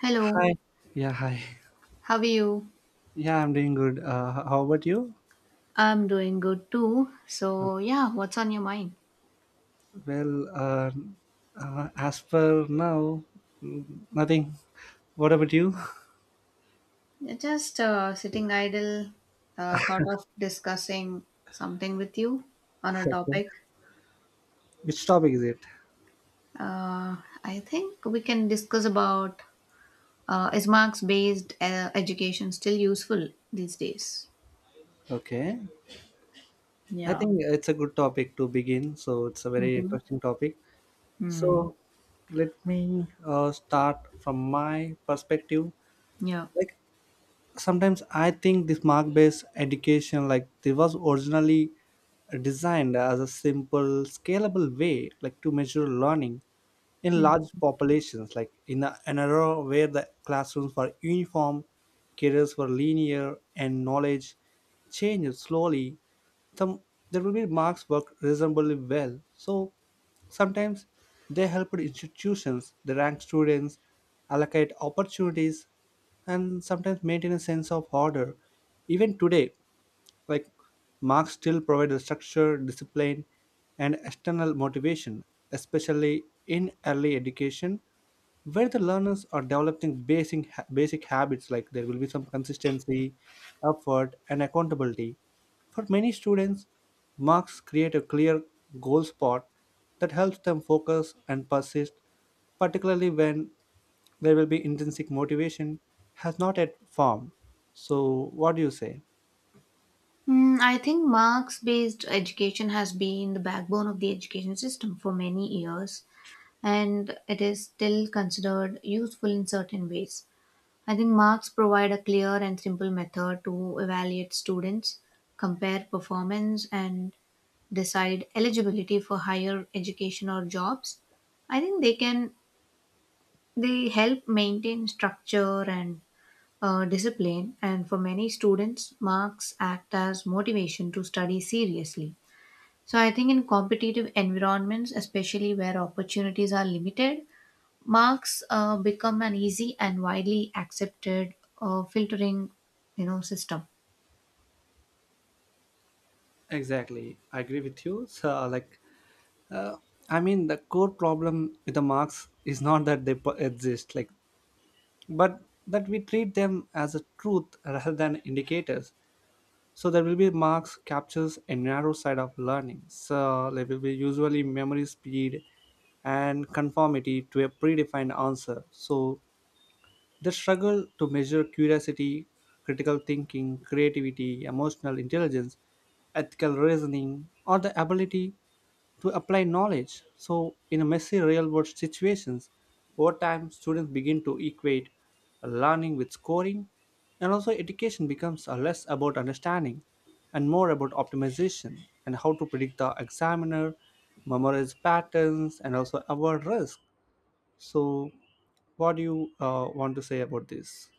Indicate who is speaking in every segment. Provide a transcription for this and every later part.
Speaker 1: Hello,
Speaker 2: Hi. Yeah, hi.
Speaker 1: how are you?
Speaker 2: Yeah, I'm doing good. How about you?
Speaker 1: I'm doing good too. So, yeah, what's on your mind?
Speaker 2: Well, uh, as per now, mm, nothing. What about you?
Speaker 1: Yeah, just sitting idle, thought of discussing something with you on a
Speaker 2: Okay.
Speaker 1: topic.
Speaker 2: Which topic is it?
Speaker 1: Uh, I think we can discuss about, is marks based education still useful these days?
Speaker 2: Okay. I
Speaker 1: Yeah.
Speaker 2: think it's a good topic to begin. So it's a very
Speaker 1: Mm-hmm.
Speaker 2: interesting topic.
Speaker 1: Mm.
Speaker 2: So let me start from my perspective.
Speaker 1: Yeah.
Speaker 2: Like sometimes I think this mark based education like it was originally designed as a simple scalable way like to measure learning in
Speaker 1: Mm.
Speaker 2: large populations, like in an era where the classrooms were uniform, careers were linear, and knowledge changed slowly, some there will be marks work reasonably well. So sometimes they helped institutions, they rank students, allocate opportunities, and sometimes maintain a sense of order. Even today, like marks still provide the structure, discipline, and external motivation, especially in early education, where the learners are developing basic habits like there will be some consistency, effort, and accountability. For many students, marks create a clear goal spot that helps them focus and persist, particularly when there will be intrinsic motivation has not yet formed. So, what do you say?
Speaker 1: I think marks based education has been the backbone of the education system for many years, and it is still considered useful in certain ways. I think marks provide a clear and simple method to evaluate students, compare performance, and decide eligibility for higher education or jobs. I think they help maintain structure and discipline, and for many students, marks act as motivation to study seriously. So, I think in competitive environments, especially where opportunities are limited, marks become an easy and widely accepted filtering, system.
Speaker 2: Exactly, I agree with you. So, like, I mean, the core problem with the marks is not that they exist, like, but that we treat them as a truth rather than indicators. So there will be marks captures a narrow side of learning. So there will be usually memory speed and conformity to a predefined answer. So the struggle to measure curiosity, critical thinking, creativity, emotional intelligence, ethical reasoning, or the ability to apply knowledge. So, in messy real world situations, over time students begin to equate learning with scoring, and also education becomes less about understanding and more about optimization and how to predict the examiner, memorize patterns, and also avoid risk. So, what do you want to say about this?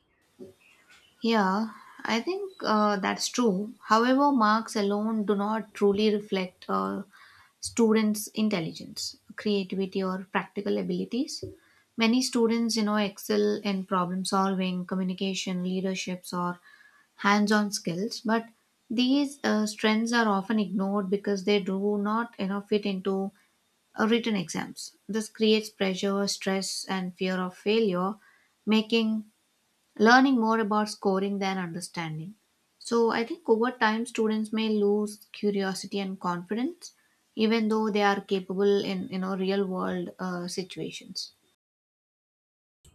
Speaker 1: Yeah, I think that's true. However, marks alone do not truly reflect students' intelligence, creativity, or practical abilities. Many students, excel in problem solving, communication, leaderships, or hands-on skills, but these strengths are often ignored because they do not, fit into written exams. This creates pressure, stress, and fear of failure, making learning more about scoring than understanding. So, I think over time, students may lose curiosity and confidence, even though they are capable in real world situations.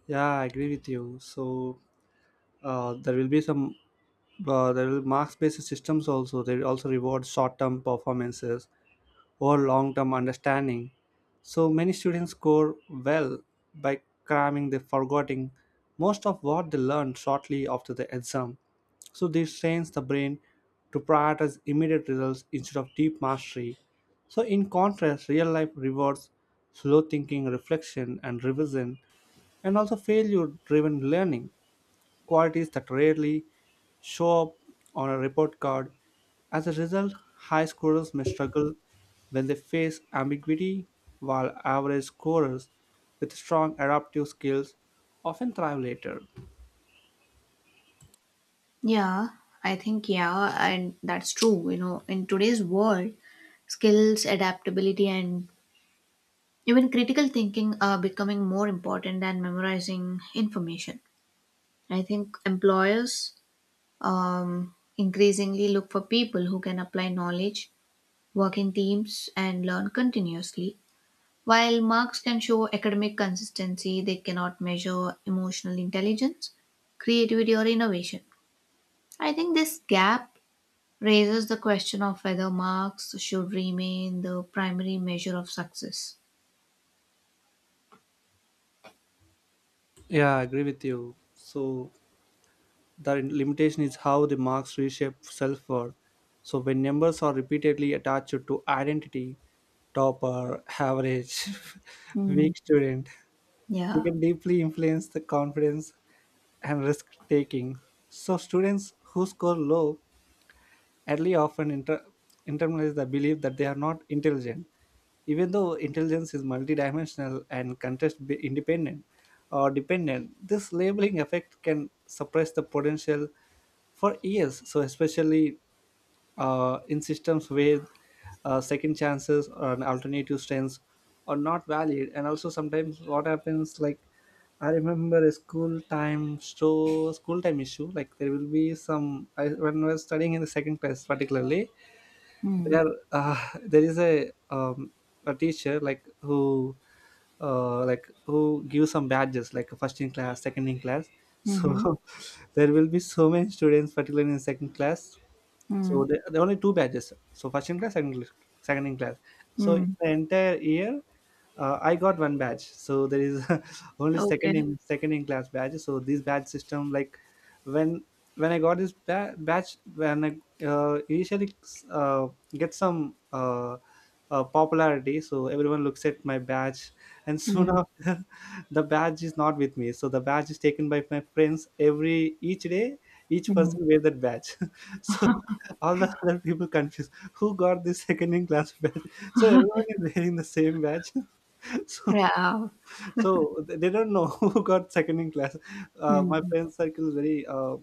Speaker 2: Yeah, I agree with you. So, uh, there will be some there will marks based systems also. They also reward short term performances or long term understanding. So many students score well by cramming the forgetting most of what they learn shortly after the exam. So this trains the brain to prioritize immediate results instead of deep mastery. So in contrast, real life rewards slow thinking, reflection, and revision, and also failure driven learning qualities that rarely show up on a report card. As a result, high scorers may struggle when they face ambiguity, while average scorers with strong adaptive skills often thrive later.
Speaker 1: Yeah, I think yeah, and that's true. You know, in today's world, skills, adaptability, and even critical thinking are becoming more important than memorizing information. I think employers increasingly look for people who can apply knowledge, work in teams, and learn continuously. While marks can show academic consistency, they cannot measure emotional intelligence, creativity, or innovation. I think this gap raises the question of whether marks should remain the primary measure of success.
Speaker 2: Yeah, I agree with you. So, the limitation is how the marks reshape self worth. So, when numbers are repeatedly attached to identity, topper, average,
Speaker 1: Hmm.
Speaker 2: weak student, they
Speaker 1: Yeah.
Speaker 2: can deeply influence the confidence and risk taking. So students who score low early often internalize the belief that they are not intelligent, even though intelligence is multidimensional and context independent or dependent. This labeling effect can suppress the potential for years. So especially in systems where second chances or an alternative strengths are not valid, and also sometimes what happens like I remember a school time so school time issue. Like there will be some I, when I was studying in the second class, particularly
Speaker 1: Hmm.
Speaker 2: there there is a teacher like who gives some badges like first in class, second in class. So
Speaker 1: Mm-hmm.
Speaker 2: there will be so many students, particularly in second class.
Speaker 1: Hmm.
Speaker 2: So there are only two badges. So first in class, second in class. So in
Speaker 1: Hmm.
Speaker 2: the entire year I got one badge, so there is only second
Speaker 1: Okay.
Speaker 2: in second in class badge. So this badge system, like when when I got this badge, when I initially uh, get some popularity, so everyone looks at my badge, and soon
Speaker 1: Hmm.
Speaker 2: after, the badge is not with me. So the badge is taken by my friends every each day. Each
Speaker 1: Hmm.
Speaker 2: person wear that badge, so all the other people confused. Who got this second in class badge? So everyone is wearing the same badge. so
Speaker 1: Yeah.
Speaker 2: so they don't know who got second in class,
Speaker 1: Hmm.
Speaker 2: my friend circle is very uh,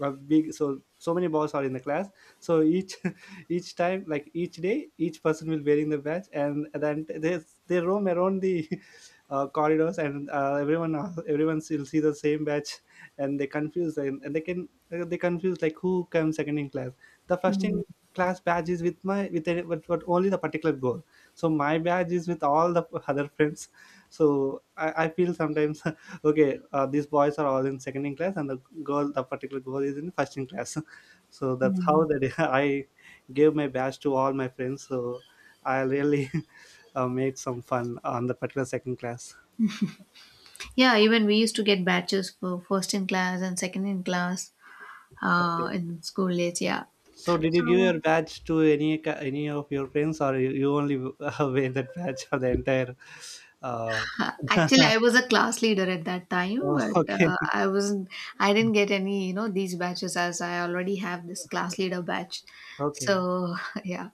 Speaker 2: uh, big, so so many boys are in the class, so each each time like each day each person will wearing the badge and then they roam around the corridors and everyone will see the same badge and they confuse and they confuse like who comes second in class, the first in
Speaker 1: Mhm,
Speaker 2: class badge is with my with only the particular goal, so my badge is with all the other friends, so I feel sometimes okay these boys are all in second in class and the particular girl is in first in class so that's how
Speaker 1: mhm.
Speaker 2: that I gave my badge to all my friends so I really made some fun on the particular second class.
Speaker 1: Yeah, even we used to get batches for first in class and second in class
Speaker 2: Okay,
Speaker 1: in school days. Yeah.
Speaker 2: so did you give
Speaker 1: So
Speaker 2: your badge to any of your friends or you only wear that badge for the entire uh,
Speaker 1: actually, I was a class leader at that time,
Speaker 2: oh,
Speaker 1: but
Speaker 2: okay.
Speaker 1: I wasn't. I didn't get any, these batches as I already have this class leader batch.
Speaker 2: Okay.
Speaker 1: So yeah,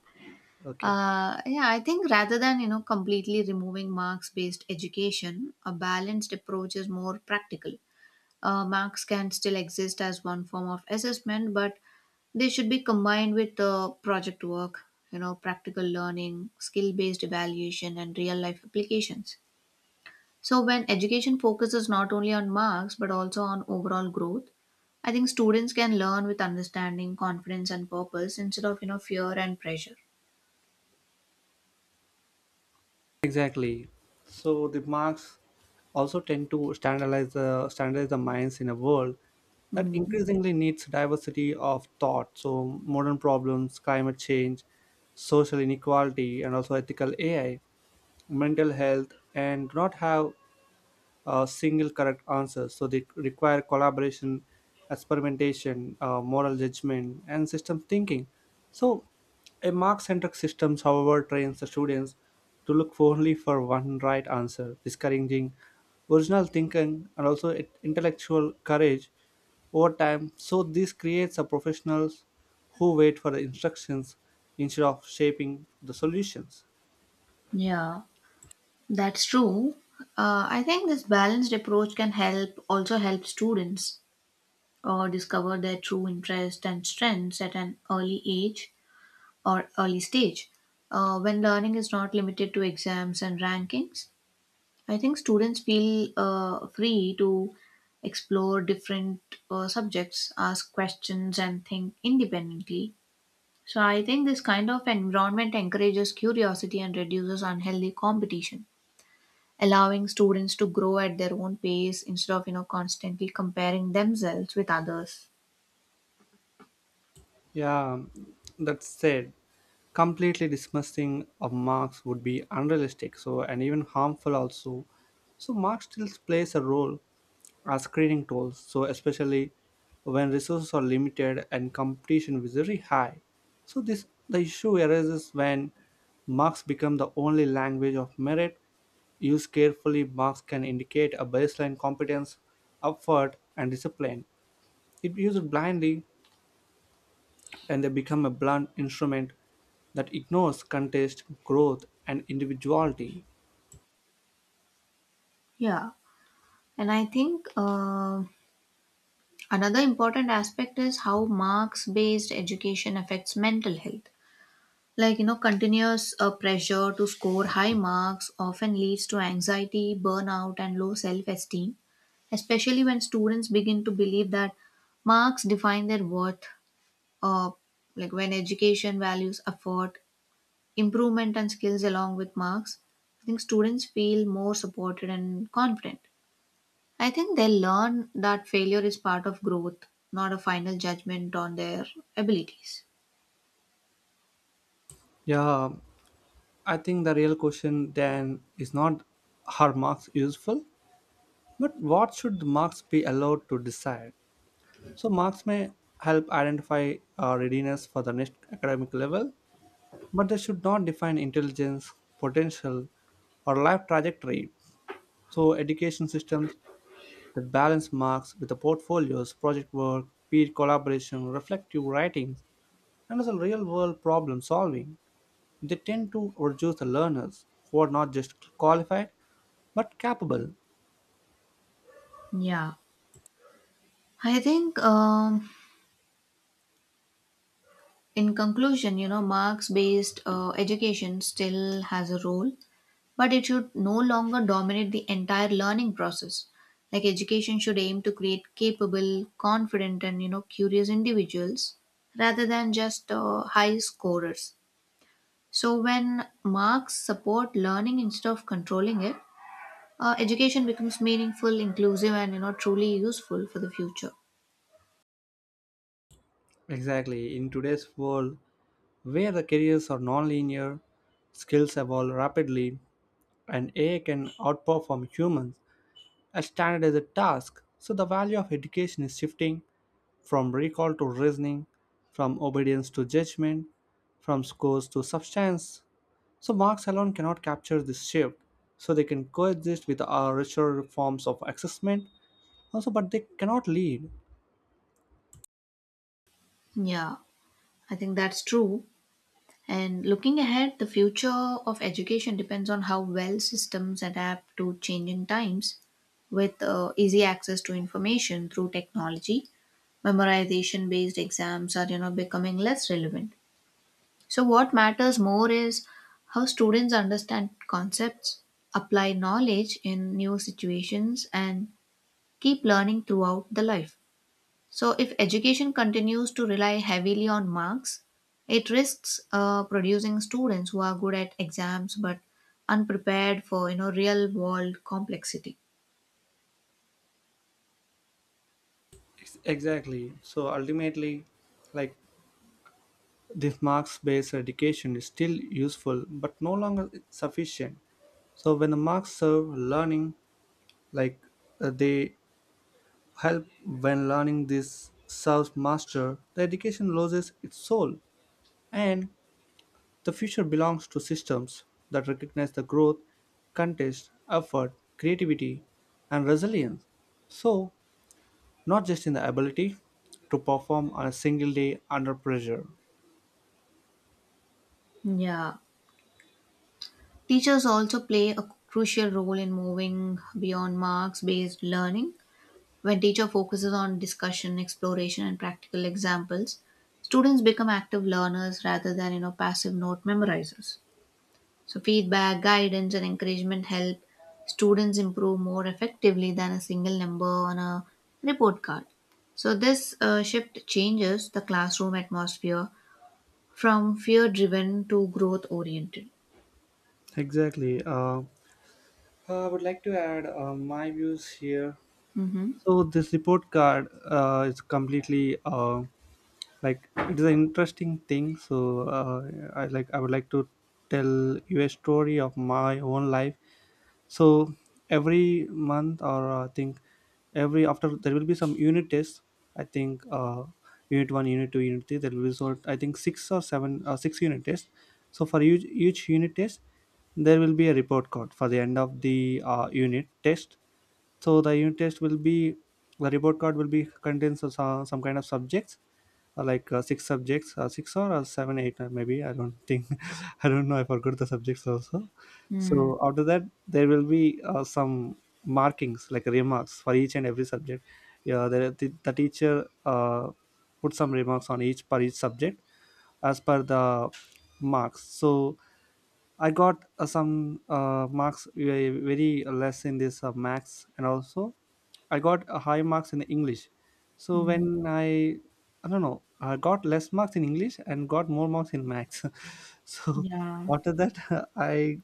Speaker 2: Okay.
Speaker 1: yeah. I think rather than completely removing marks-based education, a balanced approach is more practical. Marks can still exist as one form of assessment, but they should be combined with project work, practical learning, skill based evaluation, and real life applications. So, when education focuses not only on marks but also on overall growth, I think students can learn with understanding, confidence, and purpose instead of, fear and pressure.
Speaker 2: Exactly. So the marks also tend to standardize the minds in a world that
Speaker 1: Mhm.
Speaker 2: increasingly needs diversity of thought. So modern problems, climate change, social inequality, and also ethical AI, mental health, and do not have single correct answer. So they require collaboration, experimentation, moral judgment, and system thinking. So a mark-centric systems, however, trains the students to look for only for one right answer, discouraging original thinking and also intellectual courage over time. So this creates a professionals who wait for the instructions instead of shaping the solutions.
Speaker 1: Yeah, that's true. I think this balanced approach can help also help students discover their true interest and strengths at an early age or early stage, when learning is not limited to exams and rankings, I think students feel free to explore different subjects, ask questions, and think independently. So, I think this kind of environment encourages curiosity and reduces unhealthy competition, allowing students to grow at their own pace instead of constantly comparing themselves with others.
Speaker 2: Yeah, that said, completely dismissing of Marx would be unrealistic, so and even harmful also. So Marx still plays a role as screening tools, so especially when resources are limited and competition is very high. So this the issue arises when Marx become the only language of merit. Used carefully, marks can indicate a baseline competence, effort, and discipline. If used blindly, and they become a blunt instrument that ignores contest, growth, and individuality.
Speaker 1: Yeah, and I think. Another important aspect is how marks based education affects mental health. Like, continuous pressure to score high marks often leads to anxiety, burnout, and low self esteem, especially when students begin to believe that marks define their worth, uh, like when education values effort, improvement, and skills along with marks. I think students feel more supported and confident. I think they'll learn that failure is part of growth, not a final judgment on their abilities.
Speaker 2: Yeah, I think the real question then is not are marks useful, but what should the marks be allowed to decide? So, marks may help identify readiness for the next academic level, but they should not define intelligence, potential, or life trajectory. So, education systems the balance marks with the portfolios, project work, peer collaboration, reflective writing, and some real world problem solving. They tend to reduce the learners who are not just qualified but capable.
Speaker 1: Yeah. I think, in conclusion, marks based education still has a role, but it should no longer dominate the entire learning process. Like, education should aim to create capable, confident, and curious individuals rather than just high scorers. So, when marks support learning instead of controlling it, education becomes meaningful, inclusive, and truly useful for the future.
Speaker 2: Exactly, in today's world where the careers are non-linear, skills evolve rapidly, and AI can outperform humans at standardized tasks, so the value of education is shifting from recall to reasoning, from obedience to judgment, from scores to substance. So marks alone cannot capture this shift. So they can coexist with our richer forms of assessment also, but they cannot lead.
Speaker 1: Yeah, I think that's true. And looking ahead, the future of education depends on how well systems adapt to changing times with easy access to information through technology. Memorization based exams are becoming less relevant. So what matters more is how students understand concepts, apply knowledge in new situations, and keep learning throughout the life. So, if education continues to rely heavily on marks, it risks producing students who are good at exams but unprepared for real world complexity.
Speaker 2: Exactly. So ultimately, like this marks based education is still useful but no longer sufficient. So when the marks serve learning, like they help when learning this serves master, the education loses its soul, and the future belongs to systems that recognize the growth, contest, effort, creativity, and resilience. So, not just in the ability to perform on a single day under pressure.
Speaker 1: Yeah, teachers also play a crucial role in moving beyond marks based learning. When teacher focuses on discussion, exploration, and practical examples, students become active learners rather than passive note memorizers. So, feedback, guidance, and encouragement help students improve more effectively than a single number on a report card. So, this shift changes the classroom atmosphere from fear driven to growth oriented.
Speaker 2: Exactly. I would like to add my views here.
Speaker 1: Mm-hmm.
Speaker 2: So this report card is completely like it is an interesting thing, so I like I would like to tell you a story of my own life. So every month or I think every after there will be some unit tests, I think unit 1 unit 2 unit 3, there will be sort I think 6 or 7 6 unit tests. So for each unit test there will be a report card for the end of the unit test. So the unit test will be the report card will be contains some kind of subjects six subjects six or 7 8 maybe I don't think I don't know, I forgot the subjects also.
Speaker 1: Mm,
Speaker 2: So after that there will be some markings like remarks for each and every subject. Yeah, the teacher put some remarks on each per each subject as per the marks. So I got some marks very less in this max and also I got a high marks in English. So
Speaker 1: mm,
Speaker 2: I don't know, I got less marks in English and got more marks in maths. so
Speaker 1: yeah.
Speaker 2: After that, I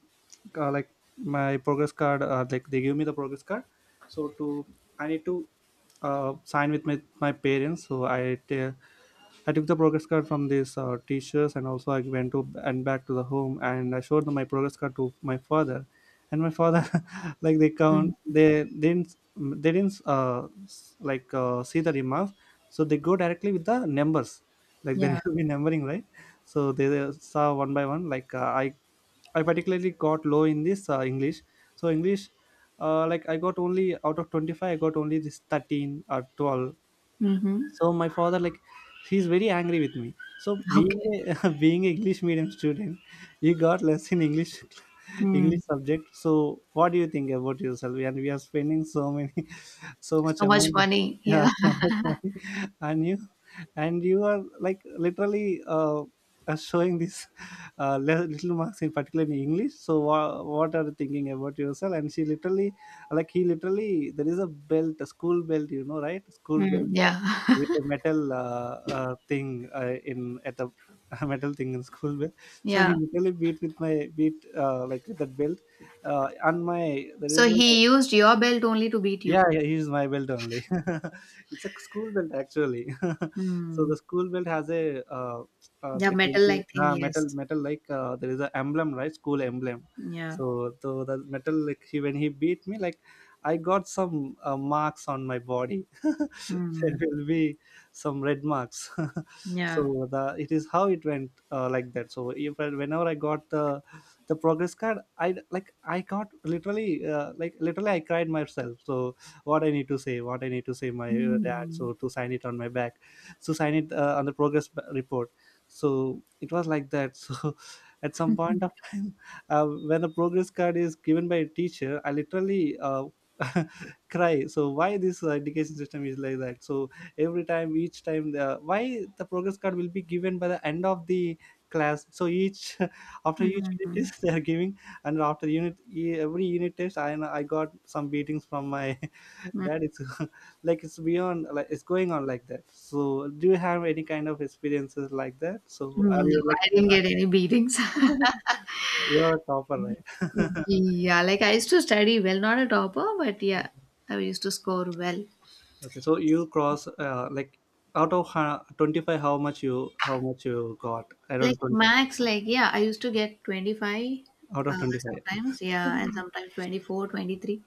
Speaker 2: like my progress card, like they give me the progress card, so to I need to sign with my parents. So I took the progress card from these teachers, and also I went to and back to the home, and I showed them my progress card to my father. And my father, like they count
Speaker 1: Mm.
Speaker 2: they didn't s- like see the remarks, so they go directly with the numbers, like there
Speaker 1: Yeah.
Speaker 2: will be numbering, right? So they saw one by one, like I particularly got low in this English. So English, like I got only, out of 25, I got only this 13 or 12.
Speaker 1: Mm-hmm.
Speaker 2: So my father, like, he's very angry with me. So being
Speaker 1: Okay.
Speaker 2: a, being a English medium student, you got less in English,
Speaker 1: Mm,
Speaker 2: English subject. So what do you think about yourself? And we are spending so many, so much
Speaker 1: So much
Speaker 2: amount.
Speaker 1: money.
Speaker 2: Yeah,
Speaker 1: Yeah.
Speaker 2: so much money. And you, and you are like literally showing these little marks, in particular in English. So what are you thinking about yourself? And she literally like he literally, there is a belt, a school belt, you know, right? School
Speaker 1: mm,
Speaker 2: belt
Speaker 1: Yeah.
Speaker 2: with a metal, thing in at the a metal thing in school belt. So he
Speaker 1: Yeah.
Speaker 2: literally beat with that belt, on my, there is
Speaker 1: So,
Speaker 2: a,
Speaker 1: he used your belt only to beat
Speaker 2: yeah,
Speaker 1: you.
Speaker 2: yeah, he used my belt only. It's a school belt, actually. So the
Speaker 1: Hmm.
Speaker 2: school belt has a,
Speaker 1: Yeah.
Speaker 2: like will
Speaker 1: Metal
Speaker 2: be,
Speaker 1: like thing.
Speaker 2: metal,
Speaker 1: Yes.
Speaker 2: there is a emblem, right? School emblem.
Speaker 1: Yeah.
Speaker 2: So the metal, like, he, when he beat me, like, I got some marks on my body. There
Speaker 1: Mm.
Speaker 2: will be some red marks.
Speaker 1: Yeah.
Speaker 2: So the it is how it went, like that. So if I, whenever I got the progress card, I like I got literally like literally I cried myself. So what I need to say, my dad,
Speaker 1: Mm.
Speaker 2: so to sign it on my back, so sign it on the report. So it was like that. So at some point of time, when the progress card is given by a teacher, I literally, cry. So why this education system is like that? So every time each time the why the progress card will be given by the end of the class. So each after each unit
Speaker 1: Mm.
Speaker 2: test they are giving, and after every unit test, I got some beatings from my,
Speaker 1: Mm.
Speaker 2: that is, like it's beyond, like it's going on like that. So do you have any kind of experiences like that? So
Speaker 1: No,
Speaker 2: are you like,
Speaker 1: I didn't get any beatings.
Speaker 2: you're a topper, right?
Speaker 1: Yeah, like I used to study well, not a topper, but yeah, I used to score well.
Speaker 2: Okay, so you cross, like, out of 25, how much you, how much you got? I don't,
Speaker 1: Like
Speaker 2: 20
Speaker 1: max, like yeah, I used to get 25
Speaker 2: out of
Speaker 1: uh,
Speaker 2: 25?
Speaker 1: sometimes, yeah, and sometimes 24, 23.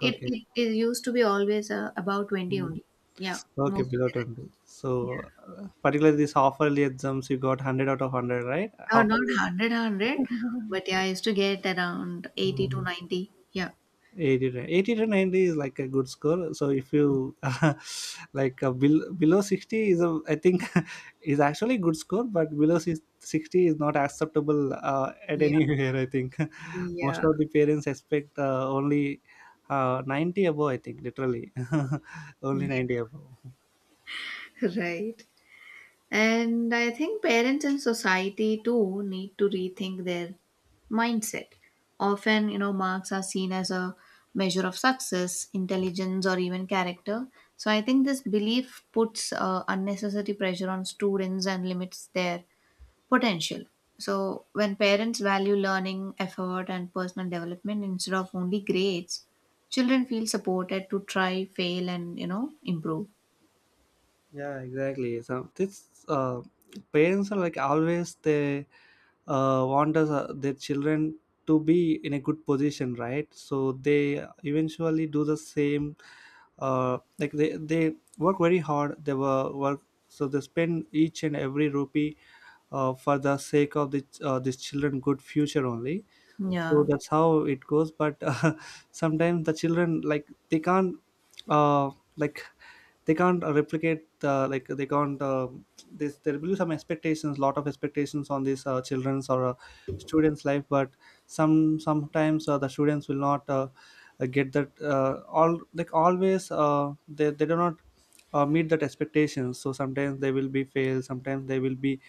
Speaker 1: It,
Speaker 2: Okay.
Speaker 1: it, it used to be always about 20
Speaker 2: Mm.
Speaker 1: only. Yeah,
Speaker 2: Okay,
Speaker 1: most of
Speaker 2: below
Speaker 1: the
Speaker 2: 20.
Speaker 1: times.
Speaker 2: So,
Speaker 1: Yeah.
Speaker 2: particularly this half yearly exams you got 100 out of 100, right?
Speaker 1: Oh,
Speaker 2: Half
Speaker 1: not 100,
Speaker 2: yearly.
Speaker 1: but yeah, I used to get around 80 to 90. Yeah.
Speaker 2: 80 to 90 is like a good score. So if you like, below 60 is a, I think is actually a good score, but below 60 is not acceptable at
Speaker 1: Yeah.
Speaker 2: anywhere, I think. Most
Speaker 1: Yeah.
Speaker 2: of the parents expect, only, 90 above, I think. Literally,
Speaker 1: Yeah.
Speaker 2: only 90 above.
Speaker 1: Right. And I think parents and society too need to rethink their mindset. Often, marks are seen as a measure of success, intelligence, or even character. So I think this belief puts unnecessary pressure on students and limits their potential. So when parents value learning, effort, and personal development instead of only grades, children feel supported to try, fail, and improve.
Speaker 2: Yeah, exactly. So this, parents are like, always they want us, their children, to be in a good position, right? So they eventually do the same. Like, they work very hard. They were work, so they spend each and every rupee for the sake of the these children good future only. So
Speaker 1: Yeah.
Speaker 2: that's how it goes. But sometimes the children, like, they can't uh, like they can't replicate like they can't, this there will be some expectations, lot of expectations on these children's or students life. But sometimes, the students will not, get that, all like always they do not meet that expectations. So sometimes they will be fail, sometimes they will be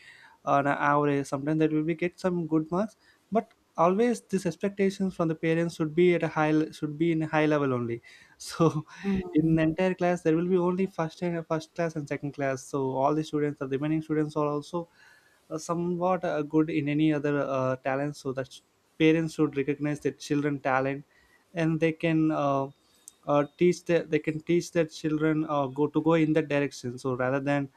Speaker 2: on an average, sometimes that will be get some good marks. But always these expectations from the parents should be at a should be in a high level only. So in
Speaker 1: Mm.
Speaker 2: the entire class there will be only first and first class and second class. So all the students, the remaining students are also somewhat good in any other talent. So that parents should recognize their children talent, and they can, they can teach their children go in that direction. So rather than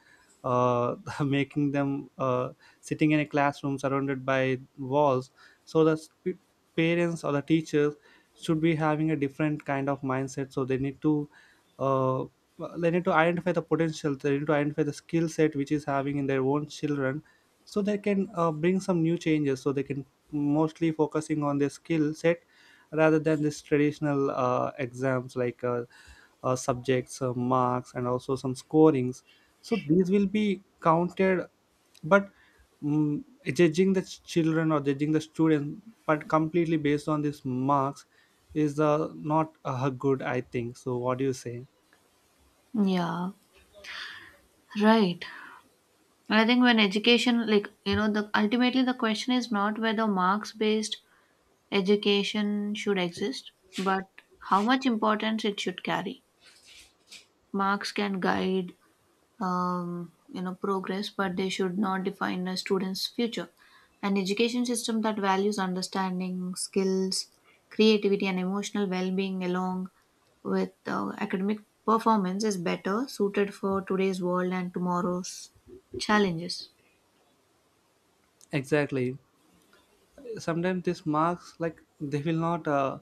Speaker 2: uh, making them sitting in a classroom surrounded by walls, so parents or the teachers should be having a different kind of mindset. So they need to, uh, they need to identify the potential, they need to identify the skill set which is having in their own children. So they can, bring some new changes, so they can mostly focusing on their skill set rather than this traditional exams, like, subjects, marks, and also some scorings. So these will be counted. But mm, judging the children or judging the students but completely based on these marks is not good, I think. So what do you say?
Speaker 1: Yeah, right. I think when education, like, the ultimately the question is not whether marks-based education should exist, but how much importance it should carry. Marks can guide, progress, but they should not define a student's future. An education system that values understanding, skills, creativity, and emotional well-being along with academic performance is better suited for today's world and tomorrow's challenges.
Speaker 2: Exactly. Sometimes these marks, like, they will not, uh,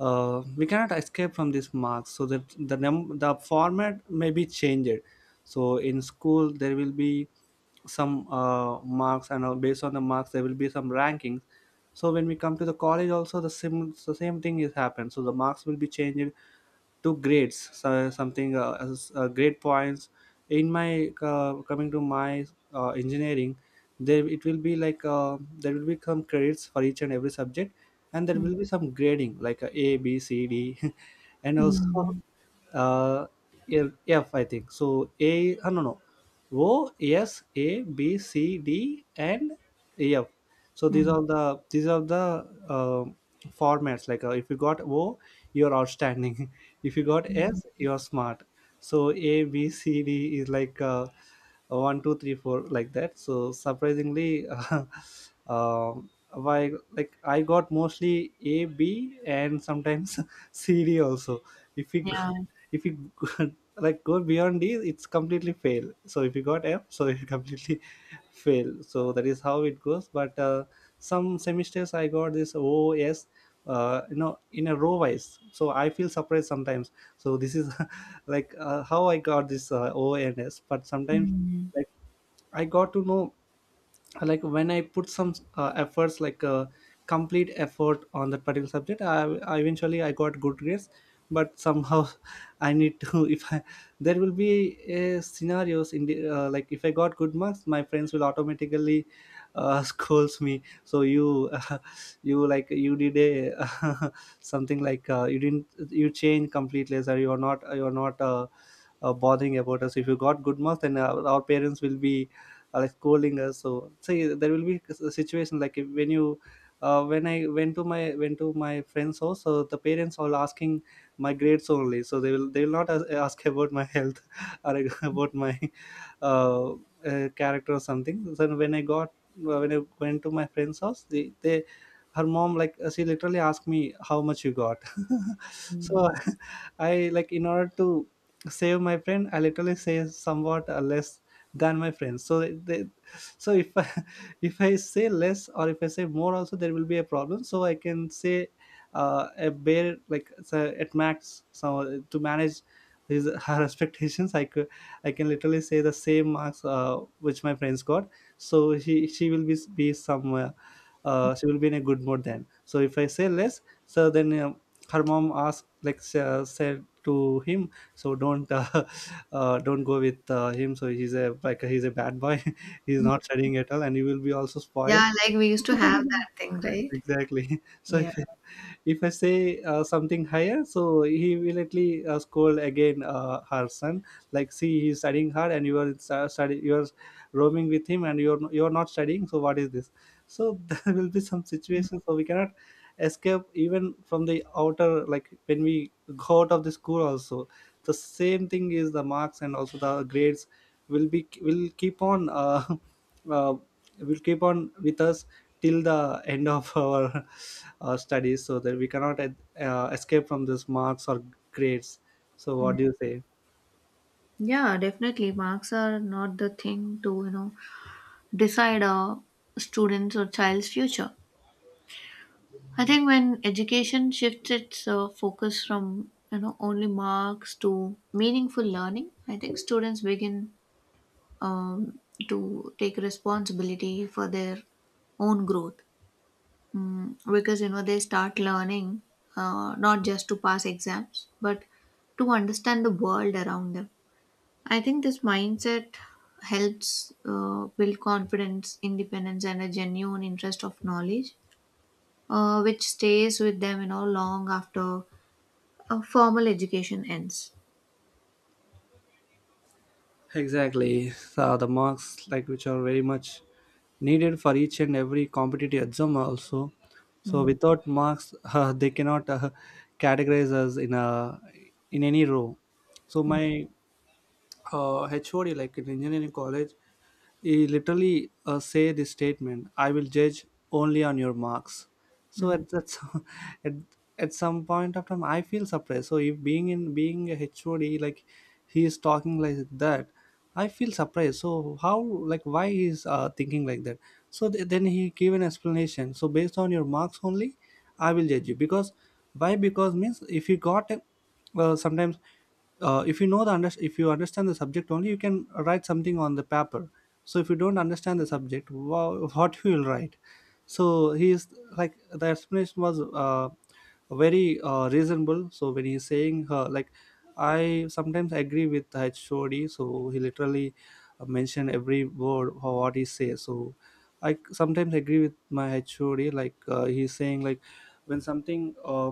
Speaker 2: uh, we cannot escape from these marks. So that the the format may be changed. So in school there will be some marks, and based on the marks there will be some rankings. So when we come to the college also, the same, the same thing is happened. So the marks will be changed to grades, so something, great points. In my coming to my engineering, there it will be like, there will be some credits for each and every subject, and there
Speaker 1: Mm.
Speaker 2: will be some grading, like, A, B, C, D, and also
Speaker 1: Mm,
Speaker 2: uh, F, I think. So A, no, no, O, S, A, B, C, D, and F. So these
Speaker 1: mm.
Speaker 2: are the, these are the, formats. Like, if you got O, you're outstanding. If you got S, you're smart. So A, B, C, D is like, 1, 2, 3, 4, like that. So surprisingly um why, like, I got mostly A, B, and sometimes C, D also. if you go,
Speaker 1: Yeah.
Speaker 2: if you like go beyond D, it's completely fail. So if you got F, so it completely fail. So that is how it goes. But some semesters I got this O, S, you know, in a row wise, so I feel surprised sometimes. So this is like, how I got this, O and S, but sometimes,
Speaker 1: Mm.
Speaker 2: like, I got to know, like, when I put some efforts, like, complete effort on that particular subject, I eventually I got good grades. But somehow I need to if I there will be scenarios in the, like, if I got good marks my friends will automatically, scolds me. So you, uh, you like, you did a something, like, you didn't, you change completely or you're not, bothering about us. If you got good marks then our parents will be, like, scolding us. So say there will be a situation like when I went to my friend's house, so the parents all asking my grades only. So they will not ask about my health, or about my, uh, character or something. So when I got, when I went to my friend's house, they her mom, like, she literally asked me, how much you got?
Speaker 1: Mm.
Speaker 2: So I, like, in order to save my friend, I literally say somewhat less than my friends. So they, so if I, if I say less or if I say more, also there will be a problem. So I can say, a bare like so at max, so to manage his her expectations, I can literally say the same marks which my friends got. So she will be somewhere, she will be in a good mood then. So if I say less, so then her mom asked, like, said to him, so don't, don't go with, him. So he's a, like, he's a bad boy, he's not studying at all, and you will be also spoiled.
Speaker 1: Yeah, like we used to have that thing, right?
Speaker 2: Exactly. So
Speaker 1: Yeah.
Speaker 2: if I say, something higher, so he immediately, scold again, her son. Like, see, he's studying hard, and you are study, you are roaming with him, and you're not studying. So what is this? So there will be some situations. So we cannot escape even from the outer. Like when we go out of the school, also the same thing is the marks and also the grades will keep on. Uh, will keep on with us till the end of our studies, so that we cannot escape from this marks or grades. So what do you say?
Speaker 1: Yeah, definitely. Marks are not the thing to, decide a student's or child's future. I think when education shifts its focus from only marks to meaningful learning, I think students begin um, to take responsibility for their own growth, because they start learning not just to pass exams but to understand the world around them. I think this mindset helps build confidence, independence, and a genuine interest of knowledge, which stays with them, long after formal education ends.
Speaker 2: Exactly. Uh, the marks, like, which are very much needed for each and every competitive exam also. So
Speaker 1: Mm,
Speaker 2: without marks, they cannot categorize us in a in any row. So my HOD, like in engineering college, he literally say this statement: I will judge only on your marks. So
Speaker 1: mm,
Speaker 2: at that at, at some point of time, I feel surprised. So if being a HOD, like, he is talking like that. I feel surprised, so how, like, why he is thinking like that. So then he gave an explanation. So based on your marks only, I will judge you. Because why? Because means, if you got well, sometimes if you know the if you understand the subject, only you can write something on the paper. So if you don't understand the subject, what you will write? So he is, like, the explanation was very reasonable. So when he's saying, like, I sometimes agree with HOD. So he literally mentioned every word or what he says. So I sometimes agree with my HOD, like, he's saying, like, when something,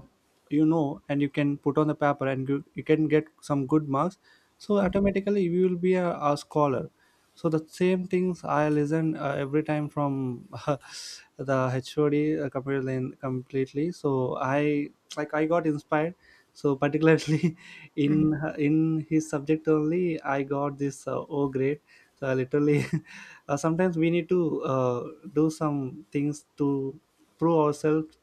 Speaker 2: you know, and you can put on the paper, and you can get some good marks, so automatically you will be a scholar. So the same things I listen every time from the HOD, completely. So I, like, I got inspired. So particularly
Speaker 1: mm,
Speaker 2: in his subject only, I got this O grade. So I literally, sometimes we need to do some things to prove ourselves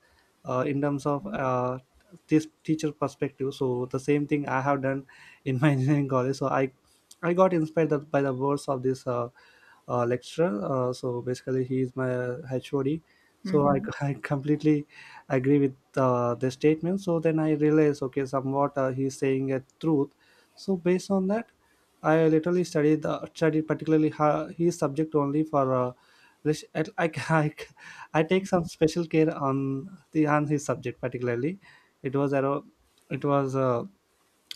Speaker 2: in terms of this teacher perspective. So the same thing I have done in my engineering college. So I got inspired by the words of this lecturer. So basically he is my HOD. So
Speaker 1: mhm,
Speaker 2: I completely agree with the statement. So then I realized, okay, somewhat he's saying a truth. So based on that, I literally studied particularly his subject only. For lit- I, I, I take some special care on the on his subject particularly. It was a it was a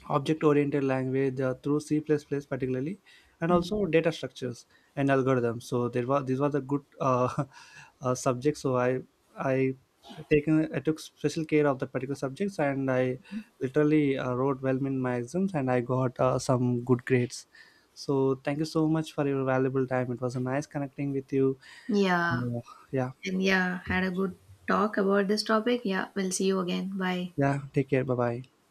Speaker 2: object-oriented language through C++ particularly, and
Speaker 1: mm.
Speaker 2: also data structures and algorithms. So there was these were the good subjects. So I taken I took special care of the particular subjects, and I literally wrote well in my exams, and I got some good grades. So thank you so much for your valuable time. It was a nice connecting with you.
Speaker 1: Yeah,
Speaker 2: And, yeah,
Speaker 1: and yeah, had a good talk about this topic. Yeah, we'll see you again. Bye.
Speaker 2: yeah. Take care. Bye bye.